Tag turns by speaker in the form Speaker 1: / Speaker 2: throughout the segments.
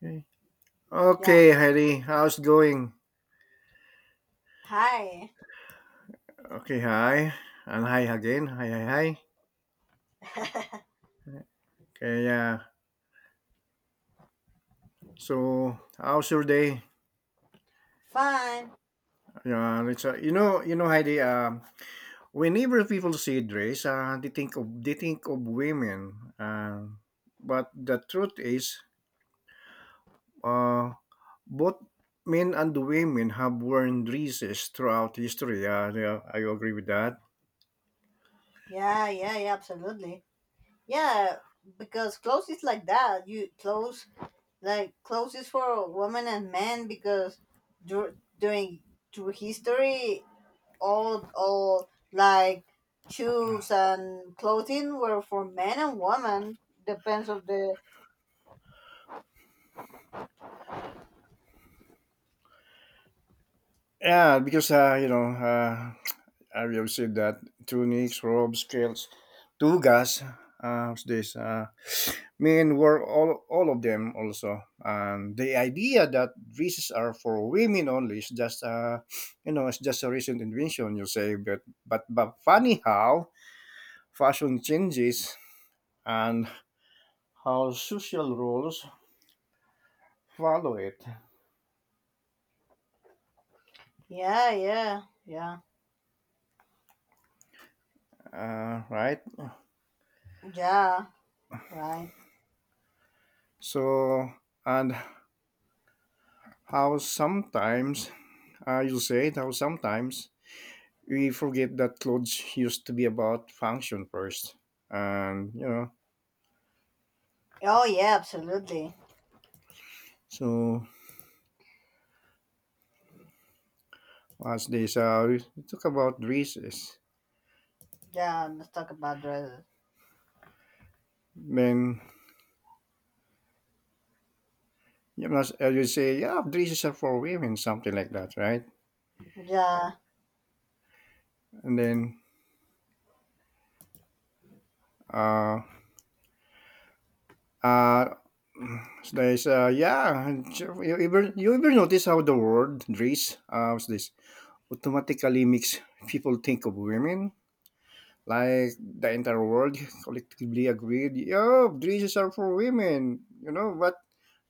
Speaker 1: Okay.
Speaker 2: Yeah.
Speaker 1: Okay, Heidi. How's going?
Speaker 2: Hi.
Speaker 1: Okay, hi. And hi again. Hi, hi, hi. Okay, yeah. So, how's your day?
Speaker 2: Fine.
Speaker 1: Yeah, let's, Heidi, whenever people see dress, they think of women. But the truth is, uh, both men and women have worn dresses throughout history. Yeah, I agree with that.
Speaker 2: Yeah, yeah, yeah, absolutely. Yeah, because clothes is like that. You clothes like clothes is for women and men because during through history all like shoes and clothing were for men and women depends of the
Speaker 1: Yeah, because, have you seen that? Tunics, robes, kilts, tugas. What's this? Men wore all of them also. And the idea that dresses are for women only is just, it's just a recent invention, you say. But, but funny how fashion changes and how social rules follow it,
Speaker 2: yeah, yeah, yeah,
Speaker 1: right?
Speaker 2: yeah, right.
Speaker 1: So, and how sometimes, you say, how sometimes we forget that clothes used to be about function first. And,
Speaker 2: Oh, yeah, absolutely.
Speaker 1: so as they saw, we talk about dresses.
Speaker 2: Yeah, let's talk about dresses.
Speaker 1: Then, you must, I would say, yeah, dresses are for women, something like that, right?
Speaker 2: Yeah.
Speaker 1: And then, uh, uh, so they say, yeah, you ever notice how the word dress, what's this, automatically makes people think of women? Like the entire world collectively agreed, "Yo, dresses are for women," you know. But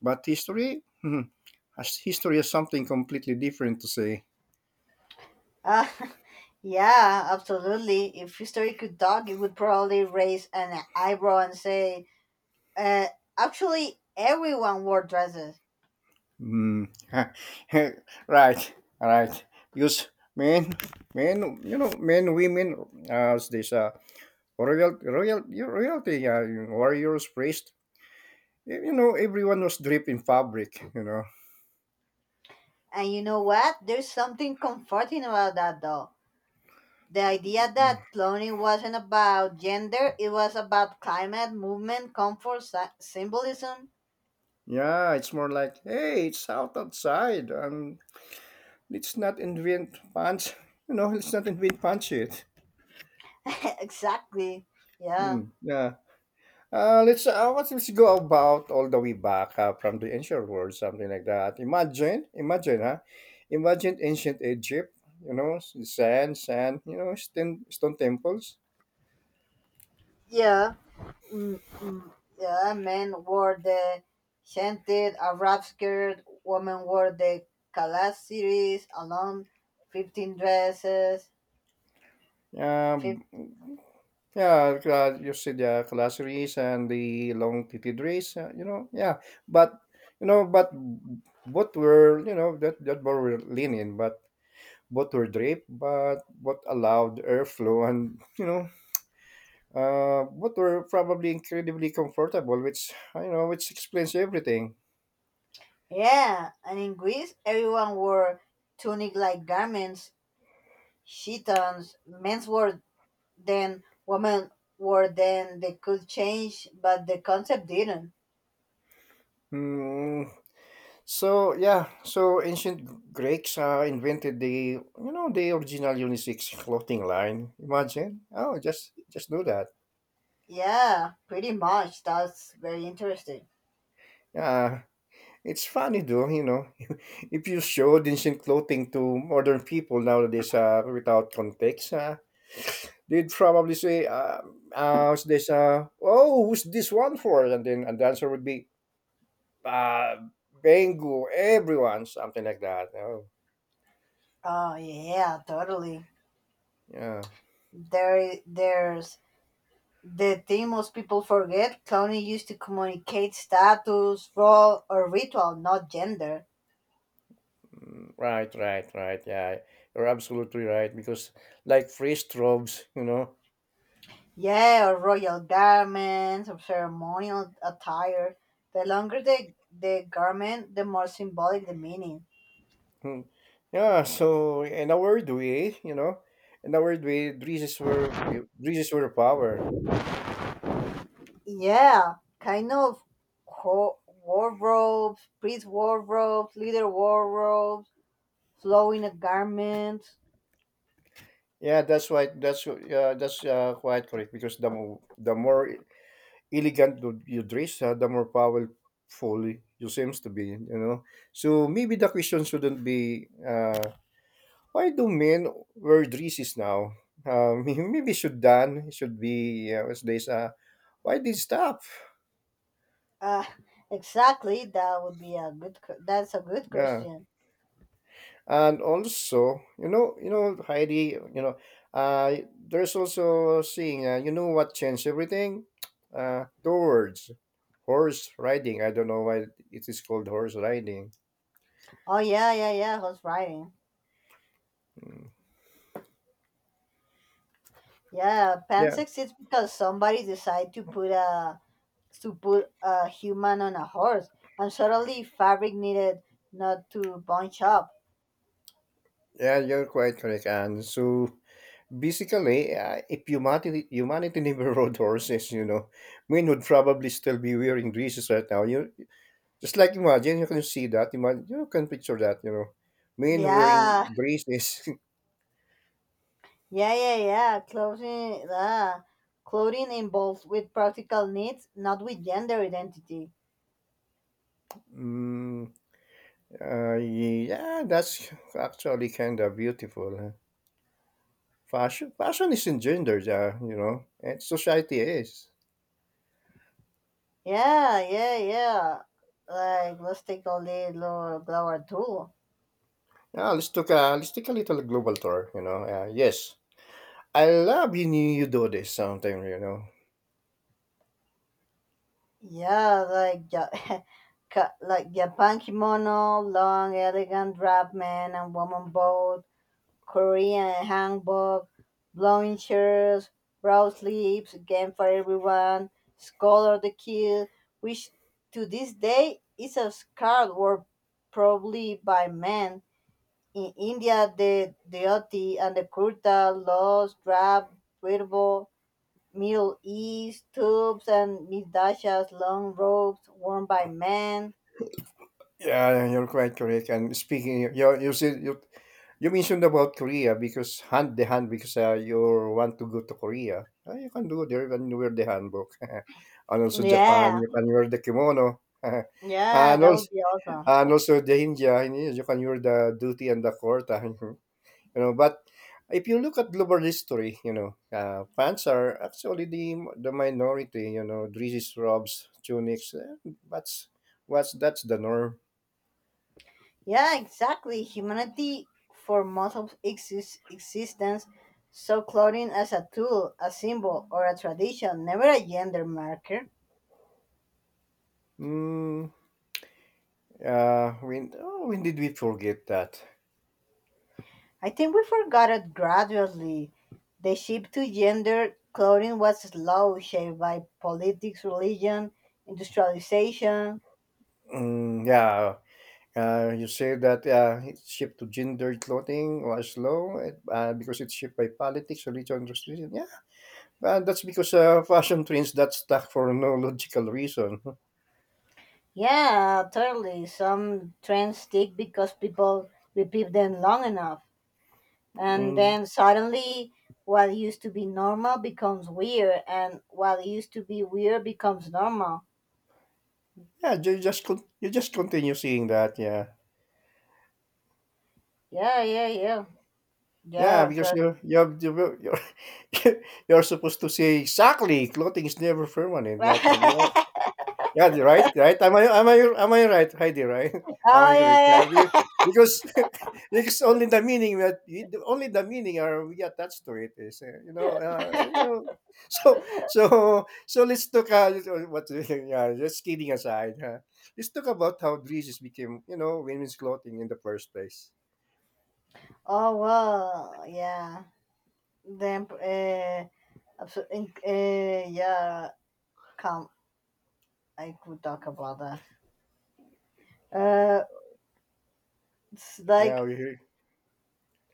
Speaker 1: history, hmm. As history has something completely different to say.
Speaker 2: Uh, yeah, absolutely. If history could talk, it would probably raise an eyebrow and say, uh, actually, everyone wore dresses.
Speaker 1: Hmm. Right, right. Because men, men, men, women, as this royalty, warriors, priest. You know, everyone was draped in fabric. You know.
Speaker 2: And you know what? There's something comforting about that, though. The idea that cloning wasn't about gender, it was about climate, movement, comfort, symbolism.
Speaker 1: Yeah, it's more like, hey, it's out outside. Let's not invent punch. You know, let's not invent punch it.
Speaker 2: Exactly. Yeah.
Speaker 1: Hmm, yeah. Let's what let's go about all the way back from the ancient world, something like that. Imagine, huh? Imagine ancient Egypt. You know, sand. You know, stone temples.
Speaker 2: Yeah. Mm, mm, yeah, men wore the scented Arab skirt, women wore the calasiris, alone, 15 dresses. Fif-
Speaker 1: Um, yeah, you see the classeries and the long cathedrals, you know, yeah. But, but both were, that both were lenient, but what were draped, but what allowed airflow and what were probably incredibly comfortable, which you know which explains everything.
Speaker 2: yeah, and in Greece, everyone wore tunic like garments, chitons. Men's wore then, women wore then, they could change, but the concept didn't.
Speaker 1: Hmm. So yeah, so ancient Greeks invented the you know the original unisex clothing line. Imagine, oh, just do that.
Speaker 2: Yeah, pretty much. That's very interesting.
Speaker 1: Yeah, it's funny though, you know. If you showed ancient clothing to modern people nowadays without context, they'd probably say, oh, who's this one for? And then and the answer would be, uh, Bengu, everyone, something like that. Oh,
Speaker 2: Oh yeah, totally.
Speaker 1: yeah.
Speaker 2: There's the thing most people forget cloning used to communicate status, role, or ritual, not gender.
Speaker 1: Mm, right, right, right. Yeah, you're absolutely right. Because like free strobes, you know.
Speaker 2: Yeah, or royal garments, or ceremonial attire. The longer the garment, the more symbolic the meaning.
Speaker 1: Hmm. Yeah, so in a weird way, in a weird way, dresses were power.
Speaker 2: Yeah, kind of wardrobes, priest wardrobes, leader wardrobes, flowing garments.
Speaker 1: Yeah, that's right. That's quite correct because the more elegant you dress, the more powerful you seems to be. You know, so maybe the question shouldn't be why do men wear dresses now? Maybe should be what's this? Why did stop?
Speaker 2: Uh, exactly, that would be a good. That's a good
Speaker 1: Yeah.
Speaker 2: question.
Speaker 1: And also Heidi, uh there's also seeing you know what changed everything towards horse riding. I don't know why it is called horse riding.
Speaker 2: Oh yeah, yeah, yeah. Who's writing? Yeah,
Speaker 1: Yeah,
Speaker 2: pansex is because somebody decided to put a human on a horse, and suddenly fabric needed not to bunch up.
Speaker 1: yeah you're quite correct. And so basically if humanity never rode horses, you know, men would probably still be wearing dresses right now. You just like imagine you can see that. Imagine you can picture that, you know, men wearing
Speaker 2: Yeah,
Speaker 1: dresses.
Speaker 2: yeah, yeah, yeah. Clothing, clothing involves with practical needs, not with gender identity.
Speaker 1: Mm, yeah, that's actually kind of beautiful, huh? Fashion isn't gendered, you know, and society is.
Speaker 2: Yeah, yeah, yeah. Like let's take a little blower tool.
Speaker 1: Yeah, let's take a little global tour. You know, yes, I love you. You do this sometime. You know,
Speaker 2: Yeah, like Japan kimono, long, elegant wrap, man and woman both. Korean handbook, blowing chairs, broad sleeves, game for everyone, scholar the kid, which to this day is a scarred word probably by men. In India, the dhoti and the kurta, laws, drab, wearable, Middle East, tubes and midashas, long robes worn by men.
Speaker 1: yeah, you're quite correct. And speaking, you said you mentioned about Korea because hand, because you want to go to Korea. You can do there and wear the handbook, and also Japan.
Speaker 2: Yeah,
Speaker 1: You can wear the kimono,
Speaker 2: yeah,
Speaker 1: and
Speaker 2: that would
Speaker 1: also
Speaker 2: be awesome.
Speaker 1: the India, you know, you can hear the duty and the court, you know. But if you look at global history, you know, pants are actually the minority. You know, dresses, robes, tunics. That's the norm.
Speaker 2: Yeah, exactly. Humanity, for most of its existence, saw clothing as a tool, a symbol, or a tradition, never a gender marker.
Speaker 1: Mm, when when did we forget that?
Speaker 2: I think we forgot it gradually. The shift to gender clothing was slow, shaped by politics, religion, industrialization.
Speaker 1: Mm, yeah. You say that it's shift to gender clothing was low, because it's shaped by politics, religion, and restriction. Yeah, well, that's because fashion trends that stuck for no logical reason.
Speaker 2: Yeah, totally. Some trends stick because people repeat them long enough. And
Speaker 1: Mm,
Speaker 2: then suddenly what used to be normal becomes weird and what used to be weird becomes normal.
Speaker 1: yeah, you just you just continue seeing that. Yeah,
Speaker 2: Yeah, yeah, yeah,
Speaker 1: yeah,
Speaker 2: yeah,
Speaker 1: because you have you're you're supposed to say exactly clothing is never permanent, but you Yeah, right, right. Am I right, Heidi? Right? Am
Speaker 2: oh
Speaker 1: I correct?
Speaker 2: yeah,
Speaker 1: Yeah, you,
Speaker 2: yeah.
Speaker 1: because because only the meaning that only the meaning are we attached to it is you know. So so so let's talk. What? Yeah, just kidding aside, huh? Let's talk about how dresses became you know women's clothing in the first place.
Speaker 2: Oh well, yeah, then uh, yeah, come, I could talk about that. uh it's
Speaker 1: Yeah,
Speaker 2: like
Speaker 1: we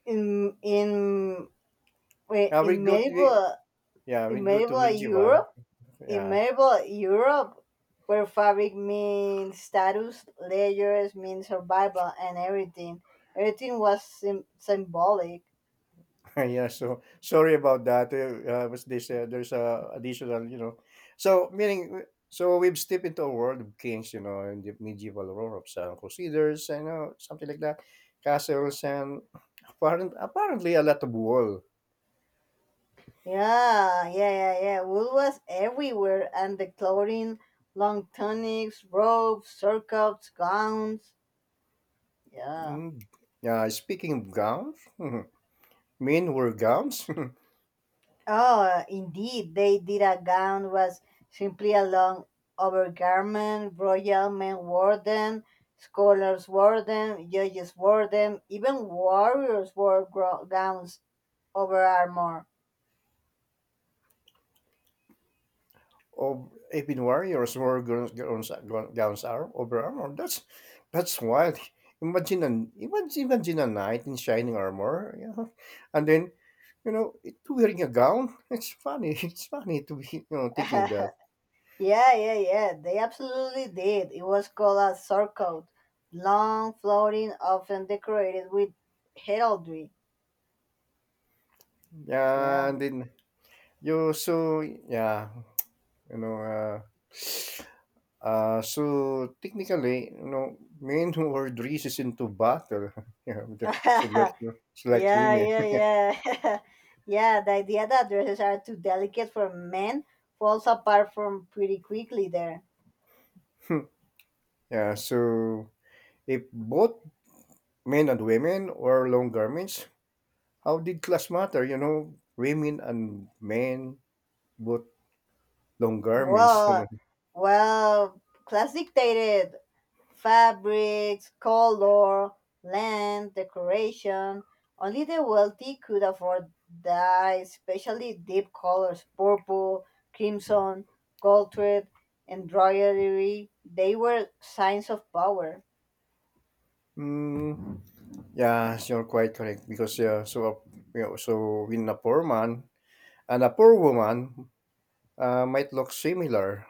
Speaker 2: in wait
Speaker 1: yeah we
Speaker 2: in
Speaker 1: go to
Speaker 2: medieval,
Speaker 1: yeah,
Speaker 2: in
Speaker 1: we go to
Speaker 2: medieval
Speaker 1: medieval.
Speaker 2: Europe. In
Speaker 1: Yeah.
Speaker 2: medieval Europe, where fabric means status, layers mean survival, and everything was symbolic.
Speaker 1: Yeah, so sorry about that. Was this there's a additional, you know. So meaning, so we've stepped into a world of kings, you know, and the medieval Europe, of some crusaders, you know, something like that, castles, and apparently a lot of wool.
Speaker 2: Yeah, yeah, yeah, yeah. Wool was everywhere, and the clothing, long tunics, robes, surcoats, gowns. Yeah.
Speaker 1: Mm. Yeah, speaking of gowns, men wear gowns.
Speaker 2: Oh, indeed, they did. A gown was simply a long overgarment. Royal men wore them, scholars wore them, judges wore them, even warriors wore gowns over armor.
Speaker 1: Of Apin warriors wore gowns, gowns are over armor. That's wild. Imagine a knight in shining armor, you know, and then you know wearing a gown. It's funny. It's funny to be you know thinking of that.
Speaker 2: Yeah, yeah, yeah, they absolutely did. It was called a surcoat, long, floating, often decorated with heraldry. Yeah.
Speaker 1: Yeah, and then you so yeah, you know. So technically, you know, men who are dresses into battle, yeah, so like so like
Speaker 2: Yeah,
Speaker 1: women.
Speaker 2: yeah, yeah. Yeah, the idea that dresses are too delicate for men falls apart from pretty quickly there.
Speaker 1: Yeah, so if both men and women wore long garments, how did class matter? You know, women and men both long garments. You know.
Speaker 2: Well, well, class dictated fabrics, color, land, decoration. Only the wealthy could afford dye, especially deep colors, purple, crimson, gold thread, embroidery. They were signs of power.
Speaker 1: Mm, yeah, you're quite correct because yeah, so a, you know, so in a poor man and a poor woman might look similar,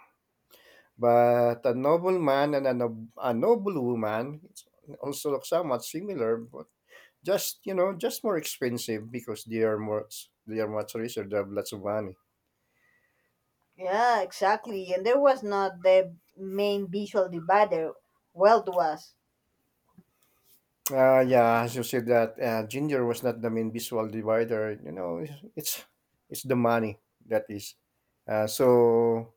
Speaker 1: but a noble man and a, a noble woman also look somewhat similar, but just you know, just more expensive because they are more they are much richer. They have lots of money.
Speaker 2: Yeah, exactly. And there was not the main visual divider. Wealth was.
Speaker 1: Yeah, as you said that, Ginger was not the main visual divider. You know, it's the money that is. So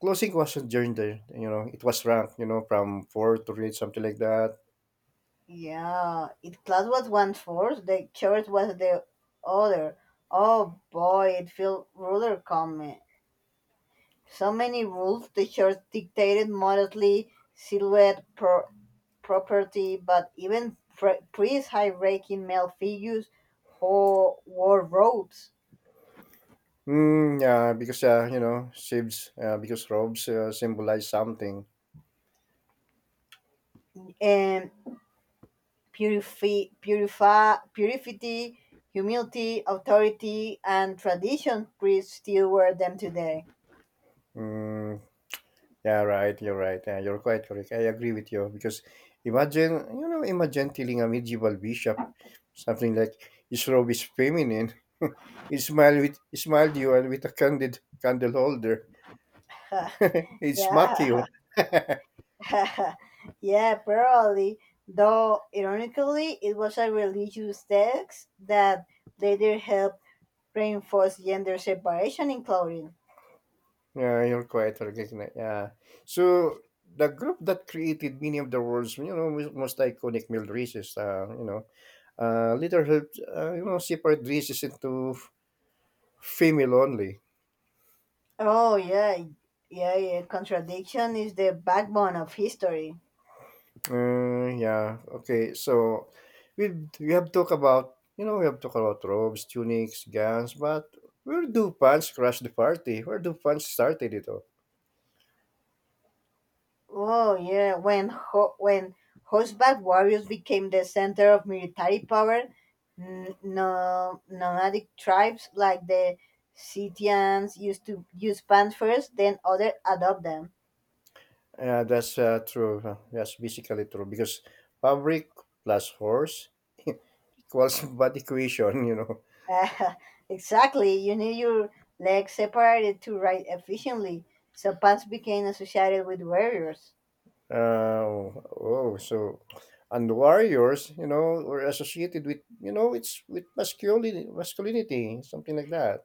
Speaker 1: closing wasn't Ginger. You know, it was ranked. You know, from four to eight, something like that.
Speaker 2: Yeah, it class was one force, the church was the other. Oh boy, it felt ruler coming. So many rules the church dictated modestly, silhouette, property, but even priests high ranking male figures who wore robes.
Speaker 1: Mm, yeah, because you know, saves because robes symbolize something.
Speaker 2: And purity, humility, authority, and tradition priests still wear them today.
Speaker 1: Mm, yeah, right. You're right. Yeah, you're quite correct. I agree with you because imagine, you know, imagine telling a medieval bishop something like his robe is feminine. He smiled with he smiled you and with a candid candle holder. He smack
Speaker 2: Yeah,
Speaker 1: you.
Speaker 2: yeah, probably. Though, ironically, it was a religious text that later helped reinforce gender separation in clothing.
Speaker 1: Yeah, you're quite correct. Yeah. So the group that created many of the world's, you know, most iconic meal races, you know, later helped, you know, separate races into female only.
Speaker 2: Oh, yeah, yeah, yeah. Contradiction is the backbone of history.
Speaker 1: Yeah. Okay. So we have talked about you know we have talked about robes, tunics, gowns, but where do pants crash the party? Where do pants started it all?
Speaker 2: Oh yeah, when horseback warriors became the center of military power, nomadic tribes like the Scythians used to use pants first, then others adopt them.
Speaker 1: Yeah, that's true, huh. That's basically true because fabric plus horse equals body equation. You know.
Speaker 2: Uh, exactly, you need your legs separated to ride efficiently, so pants became associated with warriors.
Speaker 1: Oh, so and warriors, you know, were associated with you know it's with masculinity, something like that.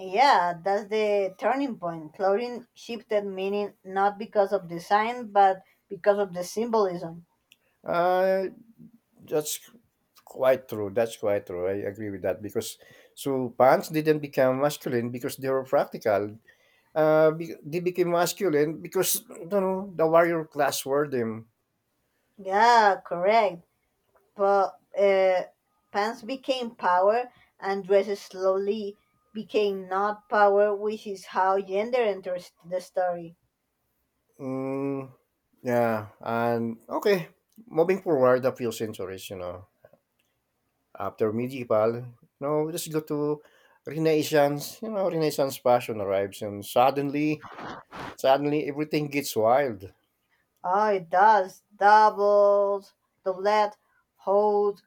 Speaker 2: Yeah, that's the turning point. Clothing shifted meaning not because of design, but because of the symbolism.
Speaker 1: Uh, that's quite true. That's quite true. I agree with that because so pants didn't become masculine because they were practical. They became masculine because you know the warrior class wore them.
Speaker 2: Yeah, correct. But pants became power, and dresses slowly became not power, which is how gender enters the story.
Speaker 1: Mm, yeah, and okay. Moving forward a few centuries, you know, after medieval, you know, we just go to Renaissance. You know, Renaissance fashion arrives, and suddenly everything gets wild.
Speaker 2: Oh, it does. Doubles, doublet, hold,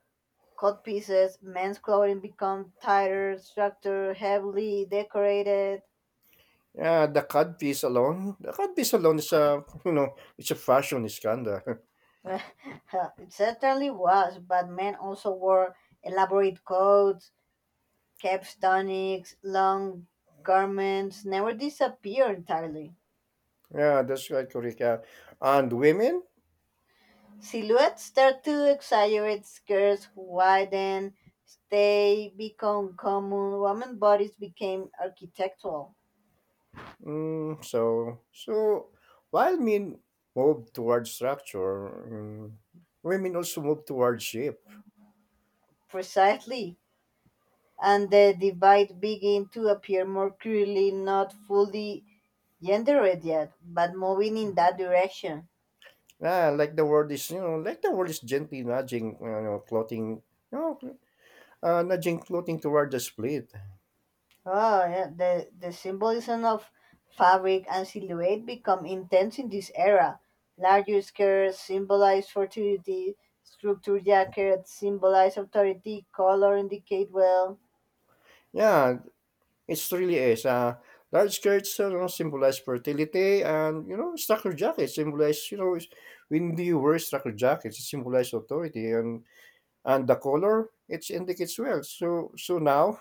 Speaker 2: cut pieces, men's clothing become tighter, structured, heavily decorated.
Speaker 1: Yeah, The codpiece alone is a you know it's a fashion scandal.
Speaker 2: It certainly was, but men also wore elaborate coats, Capstonics, long garments never disappear entirely.
Speaker 1: Yeah, that's right, Kurika. And women.
Speaker 2: Silhouettes start to exaggerate, skirts widen, they become common, women bodies became architectural.
Speaker 1: Mm, so so while men move towards structure, mm, women also move towards shape.
Speaker 2: Precisely. And the divide begin to appear more clearly, not fully gendered yet, but moving in that direction.
Speaker 1: Yeah, like the world is you know like the world is gently nudging you know clothing you know nudging clothing toward the split.
Speaker 2: Oh, yeah. The symbolism of fabric and silhouette become intense in this era. Larger skirts symbolize fertility, structured jackets symbolize authority, color indicate well.
Speaker 1: Yeah, it really is. Large skirts, you know, symbolize fertility, and you know, structure jackets symbolize, you know, when you wear structure jackets, it symbolizes authority, and the color it indicates wealth. So so now,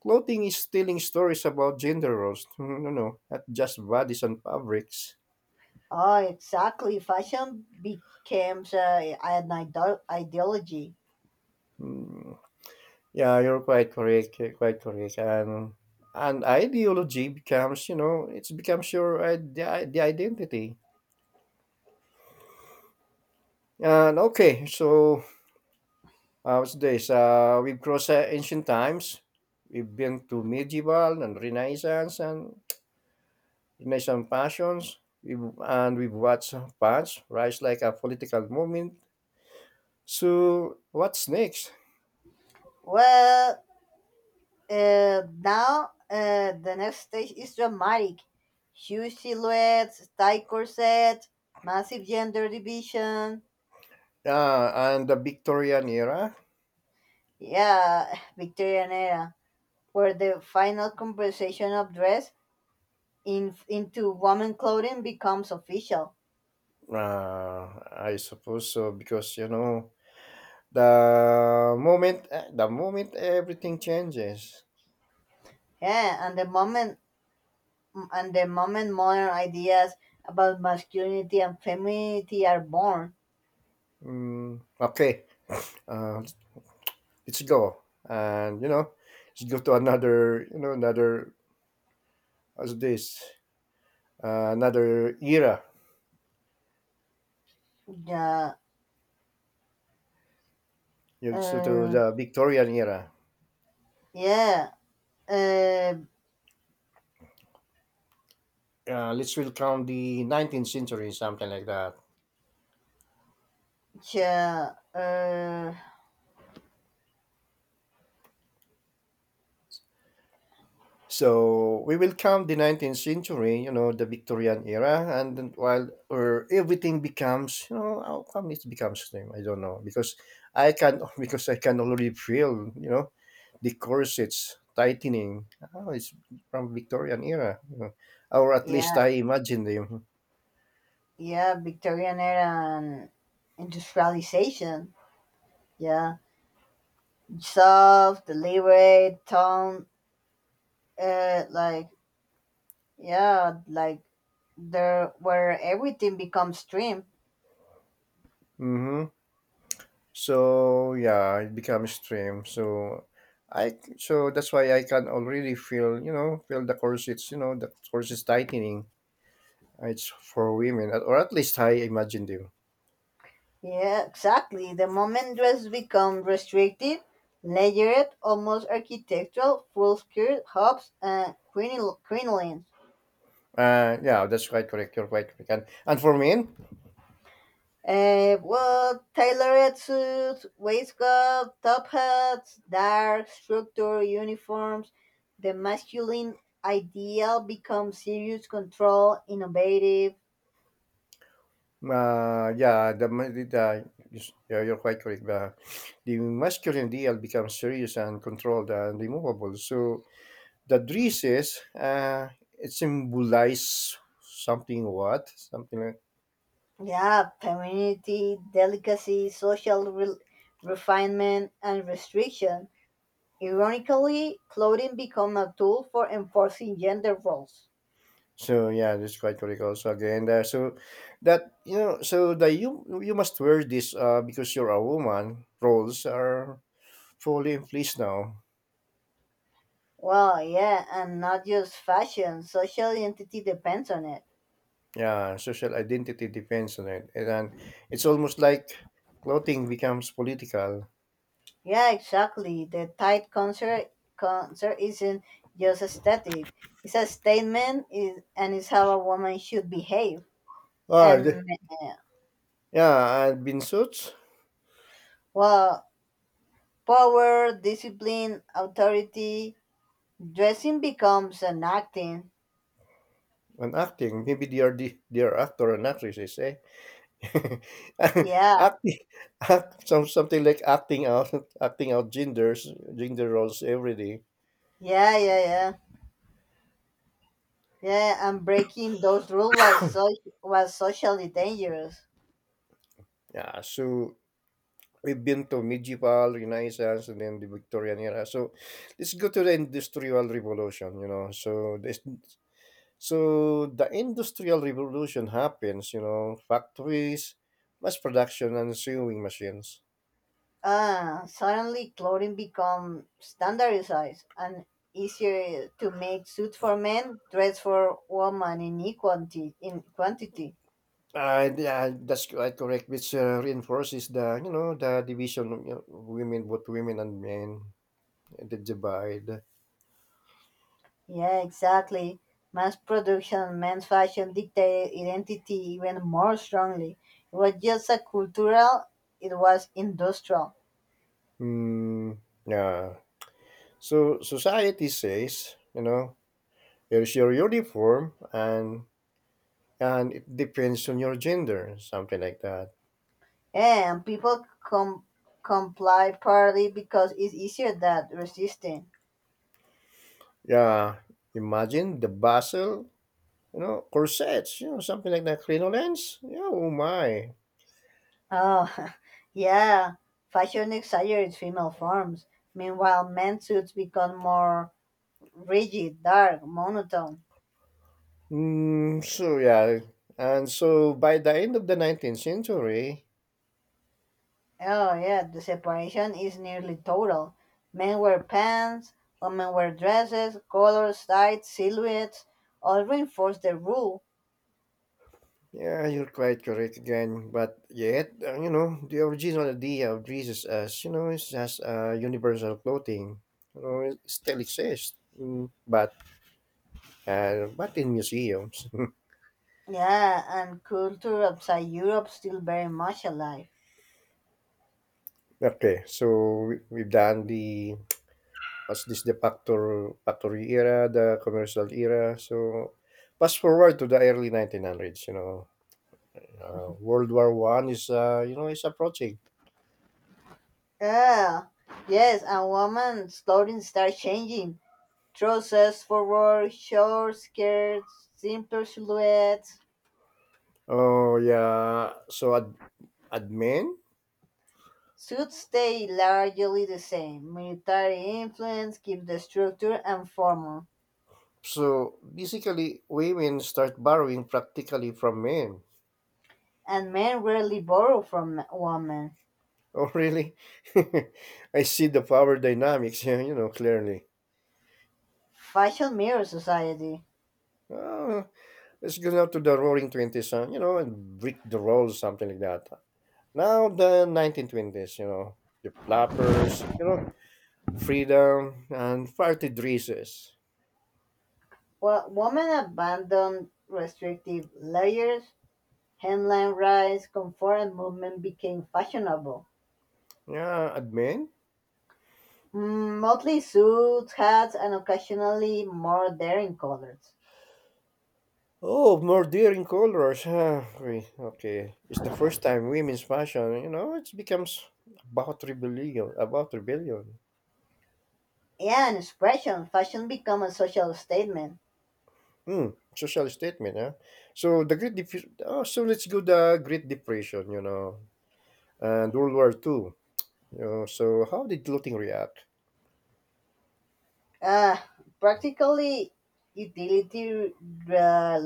Speaker 1: clothing is telling stories about gender roles. Mm, no, no, not just bodies and fabrics.
Speaker 2: Oh, exactly. Fashion becomes an ideology.
Speaker 1: Mm, yeah, you're quite correct. You're quite correct, and ideology becomes, it becomes your the identity. And okay, so what's this? We've crossed ancient times. We've been to medieval and Renaissance passions. We've watched France rise like a political movement. So what's next?
Speaker 2: Well, now the next stage is dramatic. Huge silhouettes, tight corsets, massive gender division.
Speaker 1: And the Victorian era.
Speaker 2: Yeah, Victorian era, where the final conversation of dress in, into woman clothing becomes official.
Speaker 1: Uh, I suppose so, because you know the moment everything changes.
Speaker 2: Yeah, and the moment modern ideas about masculinity and femininity are born.
Speaker 1: Okay, uh, let's go, and you know let's go to another, as this another era.
Speaker 2: Yeah,
Speaker 1: You to
Speaker 2: uh,
Speaker 1: the victorian era
Speaker 2: yeah, uh,
Speaker 1: Let's will count the 19th century, something like that.
Speaker 2: yeah, uh,
Speaker 1: So we will count the 19th century, you know, the Victorian era, and then while or everything becomes, you know, how come it becomes name, I don't know, because I can because I can already feel, you know, the corsets tightening. Oh, it's from Victorian era, you know, or at least
Speaker 2: yeah,
Speaker 1: I imagine them.
Speaker 2: yeah, Victorian era and industrialization. Yeah, soft, deliberate, tone, like yeah, like there where everything becomes stream.
Speaker 1: Hmm. So yeah, it becomes stream. So I so that's why I can already feel the corsets you know the corsets tightening. It's for women, or at least I imagine them.
Speaker 2: Yeah, exactly. The moment dress become restrictive, layered, almost architectural, full skirt, hubs, and crinolines.
Speaker 1: Yeah, that's quite correct. You're quite correct. And for men,
Speaker 2: Well, tailored suits, waistcoat, top hats, dark structure, uniforms. The masculine ideal becomes serious, control, innovative.
Speaker 1: yeah, the, ma- the- yes, yeah, you're quite correct. The masculine ideal becomes serious and controlled and removable. So the dresses, it symbolizes something like—
Speaker 2: Yeah, femininity, delicacy, social refinement, and restriction. Ironically, clothing become a tool for enforcing gender roles.
Speaker 1: So yeah, that's quite correct also again there. So that you know, so that you must wear this because you're a woman. Roles are fully in place now.
Speaker 2: Well, yeah, and not just fashion. Social identity depends on it.
Speaker 1: Yeah, social identity depends on it, and then it's almost like clothing becomes political.
Speaker 2: Yeah, exactly. The tight concert isn't just aesthetic. It's a statement, is and it's how a woman should behave.
Speaker 1: Or
Speaker 2: And
Speaker 1: the,
Speaker 2: uh,
Speaker 1: yeah, I've been suits
Speaker 2: well, power, discipline, authority, dressing becomes an acting.
Speaker 1: on acting. Maybe they are the, they are actor and actresses, eh?
Speaker 2: Yeah,
Speaker 1: Acting, some something like acting out genders, gender roles every day.
Speaker 2: yeah, yeah, yeah. Yeah, and breaking those rules was was socially dangerous.
Speaker 1: Yeah, so we've been to medieval, Renaissance, and then the Victorian era. So let's go to the Industrial Revolution. You know, so the Industrial Revolution happens. You know, factories, mass production, and sewing machines.
Speaker 2: Suddenly clothing become standardized and easier to make suits for men, dress for women in equality in quantity.
Speaker 1: Yeah, that's quite correct, which reinforces the division of, you know, women, both women and men, the divide.
Speaker 2: Yeah, exactly. Mass production, men's fashion dictated identity even more strongly. It was just a cultural, it was industrial.
Speaker 1: Hmm. Yeah. So society says, you know, here's your uniform, and it depends on your gender, something like that.
Speaker 2: Yeah, and people comply partly because it's easier than resisting.
Speaker 1: Yeah, imagine the bustle, you know, corsets, you know, something like that, crinolines. Yeah, oh my.
Speaker 2: Oh, yeah. Fashion exaggerates female forms. Meanwhile, men's suits become more rigid, dark, monotone.
Speaker 1: So yeah, and so by the end of the 19th century,
Speaker 2: Oh, yeah, the separation is nearly total. Men wear pants, women wear dresses, colors, sides, silhouettes, all reinforce the rule.
Speaker 1: yeah, you're quite correct again. But yet, you know, the original idea of Jesus as, you know, it's just universal clothing, you know, it still exists. But but in museums.
Speaker 2: Yeah, and culture outside Europe still very much alive.
Speaker 1: Okay, so we've done the— what's this, the factory era, the commercial era. So fast forward to the early 1900s, you know, World War One is, you know, is approaching.
Speaker 2: Yeah, yes, and women's clothing start changing. Trousers forward, short skirts, simpler silhouettes.
Speaker 1: Oh yeah, so ad men.
Speaker 2: Suits stay largely the same. Military influence keeps the structure and formal,
Speaker 1: So basically, women start borrowing practically from men.
Speaker 2: and men rarely borrow from women.
Speaker 1: Oh really? I see the power dynamics, you know, clearly.
Speaker 2: Fashion mirrors society.
Speaker 1: Uh, let's go now to the Roaring Twenties, huh? You know, and break the rules, something like that. Now the 1920s, you know, the flappers, you know, freedom and party dresses.
Speaker 2: Well, women abandoned restrictive layers, hemline rise, comfort and movement became fashionable.
Speaker 1: Yeah, admin.
Speaker 2: Mm, Motley suits, hats, and occasionally more daring colors.
Speaker 1: Oh, more daring colors. Ah, okay, okay. It's the first time women's fashion, you know, it becomes about rebellion, about rebellion.
Speaker 2: Yeah, an expression. Fashion become a social statement.
Speaker 1: Hmm, social statement, huh? So the so let's go the Great Depression, you know, and World War Two. You know, so how did clothing react?
Speaker 2: Uh, practically, utility uh,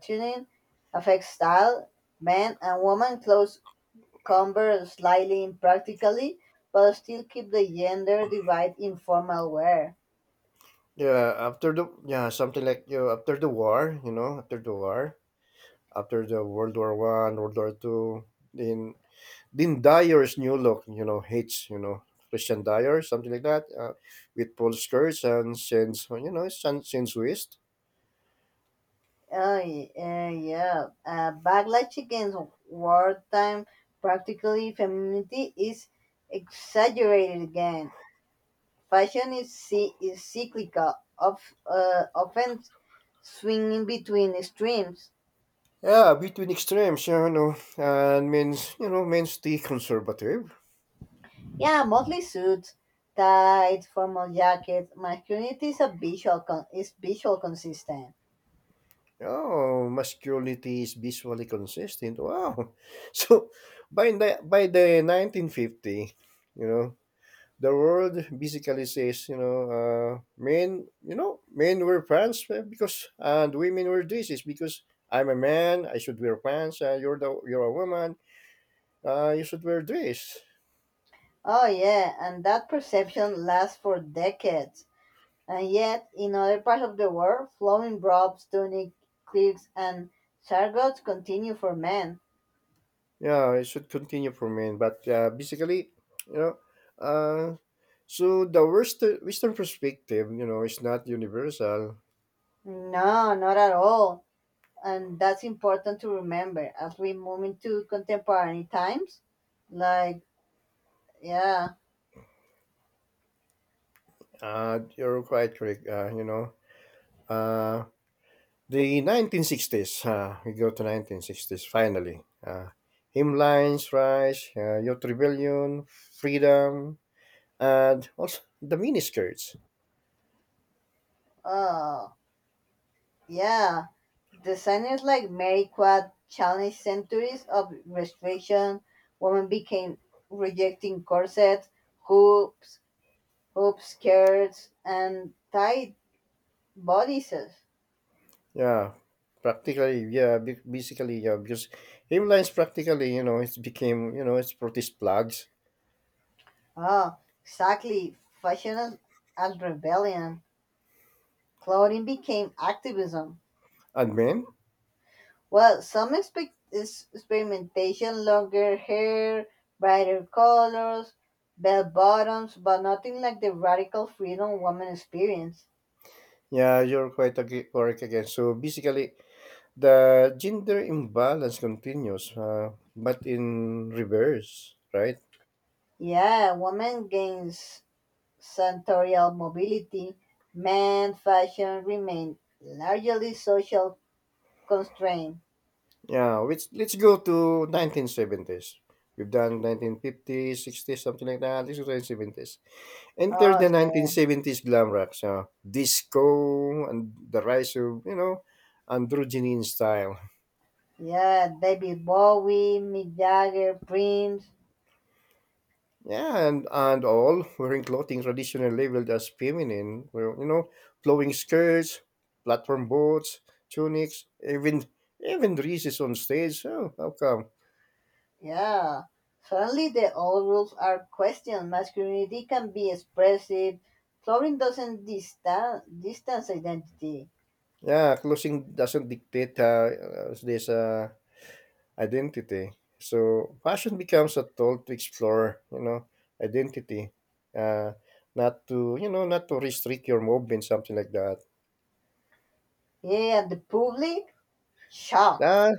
Speaker 2: tuning affects style. Men and women clothes convert slightly in practically, but still keep the gender divide in formal wear.
Speaker 1: Yeah, after the— yeah, something like, you know, after the war, you know, after the war, after the World War One, World War Two, then then Dyer's new look, you know, hates, you know, Christian Dyer, something like that, with Paul skirts and since, you know, since West.
Speaker 2: Oh, yeah, yeah. Backlash against wartime practically femininity is exaggerated again. Fashion is, is cyclical, of, often swinging between extremes.
Speaker 1: Yeah, between extremes, you know, and means, you know, means stay conservative.
Speaker 2: Yeah, mostly suits, tights, formal jackets. Masculinity is a visual is visual consistent.
Speaker 1: Oh, masculinity is visually consistent. Wow, so by the 1950, you know, the world basically says, you know, men, you know, men wear pants because, and women wear dresses because I'm a man, I should wear pants. You're a woman, you should wear dress.
Speaker 2: Oh yeah, and that perception lasts for decades. And yet, in other parts of the world, flowing robes, tunic, cloaks, and sargots continue for men.
Speaker 1: Yeah, it should continue for men, but basically, you know, uh, so the worst Western perspective, you know, is not universal.
Speaker 2: No, not at all. And that's important to remember as we move into contemporary times. Like, yeah,
Speaker 1: You're quite correct. You know, uh, the 1960s, we go to 1960s finally. Uh, Hymnlines, rise, youth rebellion, freedom, and also the miniskirts.
Speaker 2: oh, yeah. Designers like Mary Quad challenged centuries of restriction. Women became rejecting corsets, hoops, hoop skirts, and tight bodices.
Speaker 1: Yeah, practically, yeah, basically, yeah, because hymnlines practically, you know, it became, you know, it's protest plugs.
Speaker 2: Ah, exactly. Fashion as rebellion. Clothing became activism.
Speaker 1: And men,
Speaker 2: Well, some experimentation, longer hair, brighter colors, bell bottoms, but nothing like the radical freedom women experience.
Speaker 1: yeah, you're correct again. So basically, the gender imbalance continues, but in reverse, right?
Speaker 2: Yeah, women gains senatorial mobility. Man fashion remained largely social constraint.
Speaker 1: Yeah, which let's go to 1970s. We've done 1950s, 60s, something like that. Let This is 1970s. Enter
Speaker 2: Oh,
Speaker 1: the
Speaker 2: sí.
Speaker 1: 1970s glam rock, so disco and the rise of, you know, androgyny in style.
Speaker 2: Yeah, David Bowie, Mick Jagger, Prince.
Speaker 1: Yeah, and all wearing clothing traditionally labeled as feminine. Well, you know, flowing skirts, platform boots, tunics, even even dresses on stage. Oh, how come?
Speaker 2: Yeah. Suddenly the old rules are questioned. Masculinity can be expressive. Flooring doesn't distance identity.
Speaker 1: Yeah, clothing doesn't dictate this. Identity. So fashion becomes a tool to explore, you know, identity, uh, not to, you know, not to restrict your movement, something like that.
Speaker 2: Yeah, and the public? Shocked.
Speaker 1: Ah,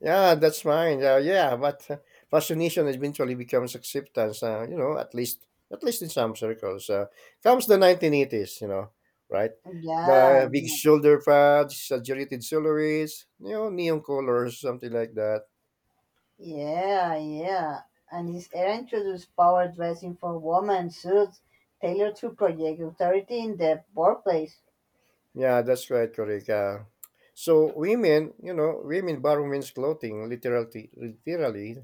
Speaker 1: yeah, that's mine. Yeah, but fascination eventually becomes acceptance. You know, at least in some circles. Comes the 1980s, you know, right?
Speaker 2: Yeah,
Speaker 1: But big
Speaker 2: the-
Speaker 1: shoulder pads, exaggerated silhouettes, you know, neon colors, something like that.
Speaker 2: yeah, yeah. And his era introduced power dressing for women suits tailored to project authority in the workplace.
Speaker 1: Yeah, that's right, correct. So women, you know, women borrow men's clothing literally, literally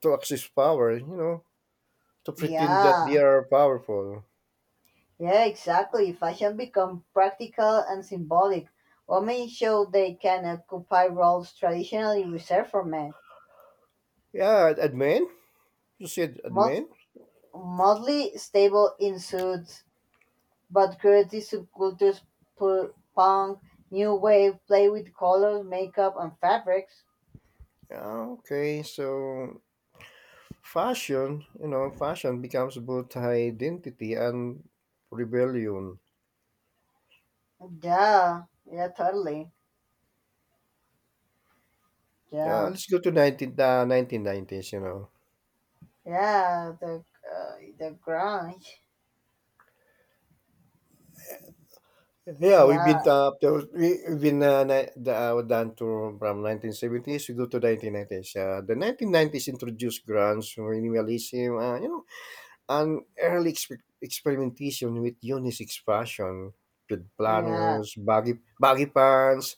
Speaker 1: to access power, you know, to pretend that they
Speaker 2: Yeah.
Speaker 1: are powerful.
Speaker 2: Yeah, exactly. Fashion become practical and symbolic. Women show they can occupy roles traditionally reserved for men.
Speaker 1: Yeah, and men, you said and
Speaker 2: Mod-
Speaker 1: men.
Speaker 2: Modly stable in suits, but creative subcultures, punk, new wave, play with colors, makeup, and fabrics.
Speaker 1: Yeah, okay, so fashion, you know, fashion becomes both identity and rebellion.
Speaker 2: Yeah, yeah, totally.
Speaker 1: Yeah,
Speaker 2: Yeah,
Speaker 1: let's go to 19, the 1990s, you know.
Speaker 2: yeah, the grunge.
Speaker 1: Yeah, we've
Speaker 2: Yeah,
Speaker 1: been we- we've been down to from 1970s we go to 1990s. The 1990s introduced grunge, minimalism, you know, and early experimentation with unisex fashion, with
Speaker 2: yeah.
Speaker 1: planners, baggy baggy pants,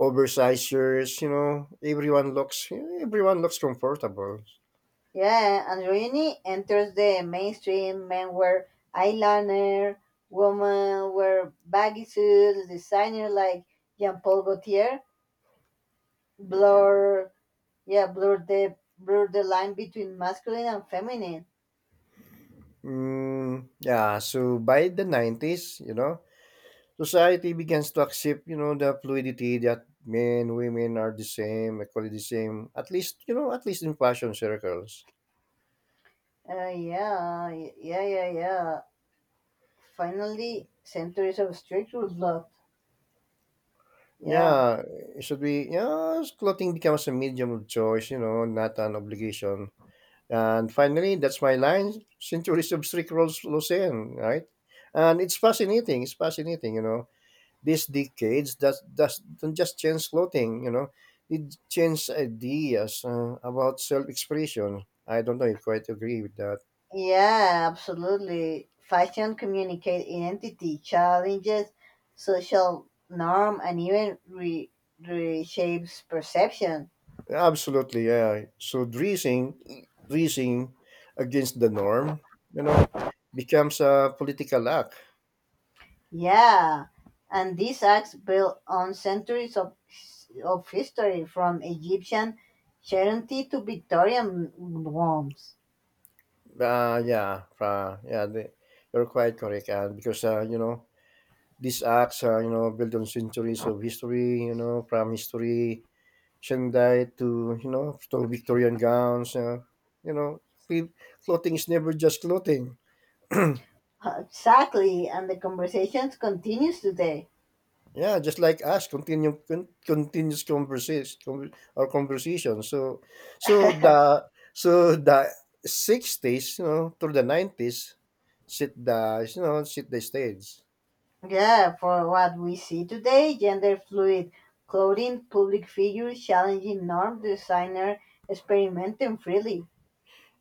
Speaker 1: oversized shirts. You know, everyone looks comfortable.
Speaker 2: Yeah, androgyny enters the mainstream. Men wear eyeliner, women wear baggy suits. Designers like Jean-Paul Gaultier blur, yeah, blur the line between masculine and feminine.
Speaker 1: Yeah, so by the 90s, you know, society begins to accept, you know, the fluidity that men, women are the same, equally the same. At least, you know, at least in fashion circles.
Speaker 2: Yeah, yeah, yeah, yeah. Finally, centuries of structural blood. Yeah.
Speaker 1: Yeah, it should be. Yeah, clothing becomes a medium of choice, you know, not an obligation. And finally, that's my line. Centuries of strict rules, Lucien, right? And it's fascinating. It's fascinating, you know, these decades that does don't just change clothing, you know, it changed ideas about self-expression. I don't know if I quite agree with that.
Speaker 2: Yeah, absolutely. Fashion communicate identity, challenges, social norm, and even reshapes perception.
Speaker 1: Absolutely, yeah. So dressing, dressing against the norm, you know, becomes a political act.
Speaker 2: Yeah, and these acts build on centuries of history, from Egyptian charity to Victorian homes.
Speaker 1: Yeah, you're quite correct. And because, you know, these acts, you know, built on centuries of history, you know, from history Shanghai to, you know, to Victorian gowns. You know, cl- clothing is never just clothing. Yeah,
Speaker 2: Exactly, and the conversations continues today.
Speaker 1: just like us, continuous conversation, our conversation. So, so the so the sixties, you know, through the 90s, sit the stage.
Speaker 2: Yeah, for what we see today, gender fluid clothing, public figures challenging norm designer experimenting freely.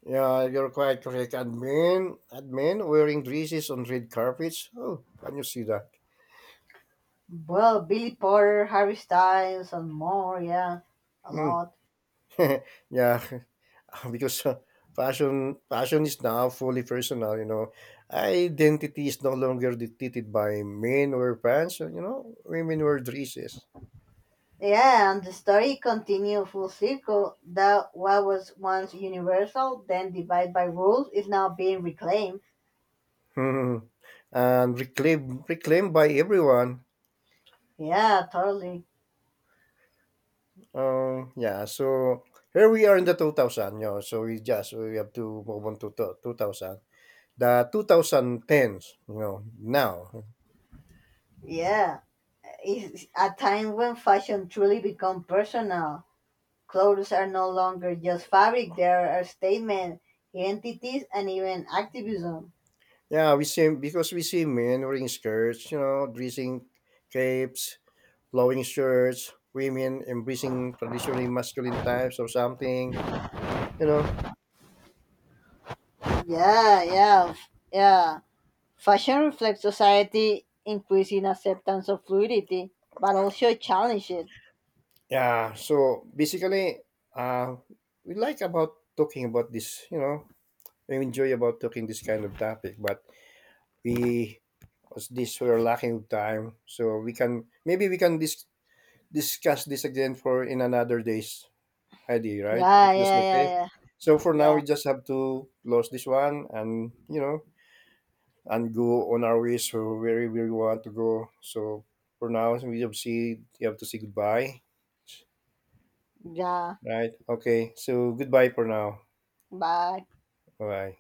Speaker 1: Yeah, you're quite correct. And men wearing dresses on red carpets. Oh, can you see that?
Speaker 2: Well, Billy Porter, Harry Styles, and more, yeah, a
Speaker 1: Hmm.
Speaker 2: lot.
Speaker 1: Yeah, because fashion fashion is now fully personal, you know, identity is no longer dictated by men or pants, you know, women wear dresses.
Speaker 2: Yeah, and the story continues full circle that what was once universal, then divided by rules, is now being reclaimed.
Speaker 1: Hmm. And reclaimed, reclaimed by everyone.
Speaker 2: Yeah, totally.
Speaker 1: Yeah, so here we are in the 2000, you know, so we have to move on to 2000, the 2010s, you know. Now
Speaker 2: Yeah, it's a time when fashion truly become personal. Clothes are no longer just fabric, they are a statement, identities, and even activism.
Speaker 1: yeah, we see because we see men wearing skirts, you know, dressing capes, flowing shirts, women embracing traditionally masculine types or something, you know.
Speaker 2: Yeah. Fashion reflects society, increasing acceptance of fluidity, but also challenge it.
Speaker 1: Yeah, so basically, uh, we like about talking about this, you know, we enjoy about talking this kind of topic, but we as this we're lacking of time, so we can— maybe we can discuss this again for in another days, Heidi, right?
Speaker 2: Yeah,
Speaker 1: That's
Speaker 2: yeah,
Speaker 1: okay.
Speaker 2: yeah,
Speaker 1: So
Speaker 2: yeah,
Speaker 1: for now,
Speaker 2: yeah,
Speaker 1: we just have to close this one, and, you know, and go on our ways so where we want to go. So for now, we have see you have to say goodbye,
Speaker 2: yeah.
Speaker 1: right? Okay, so goodbye for now.
Speaker 2: Bye.
Speaker 1: Bye.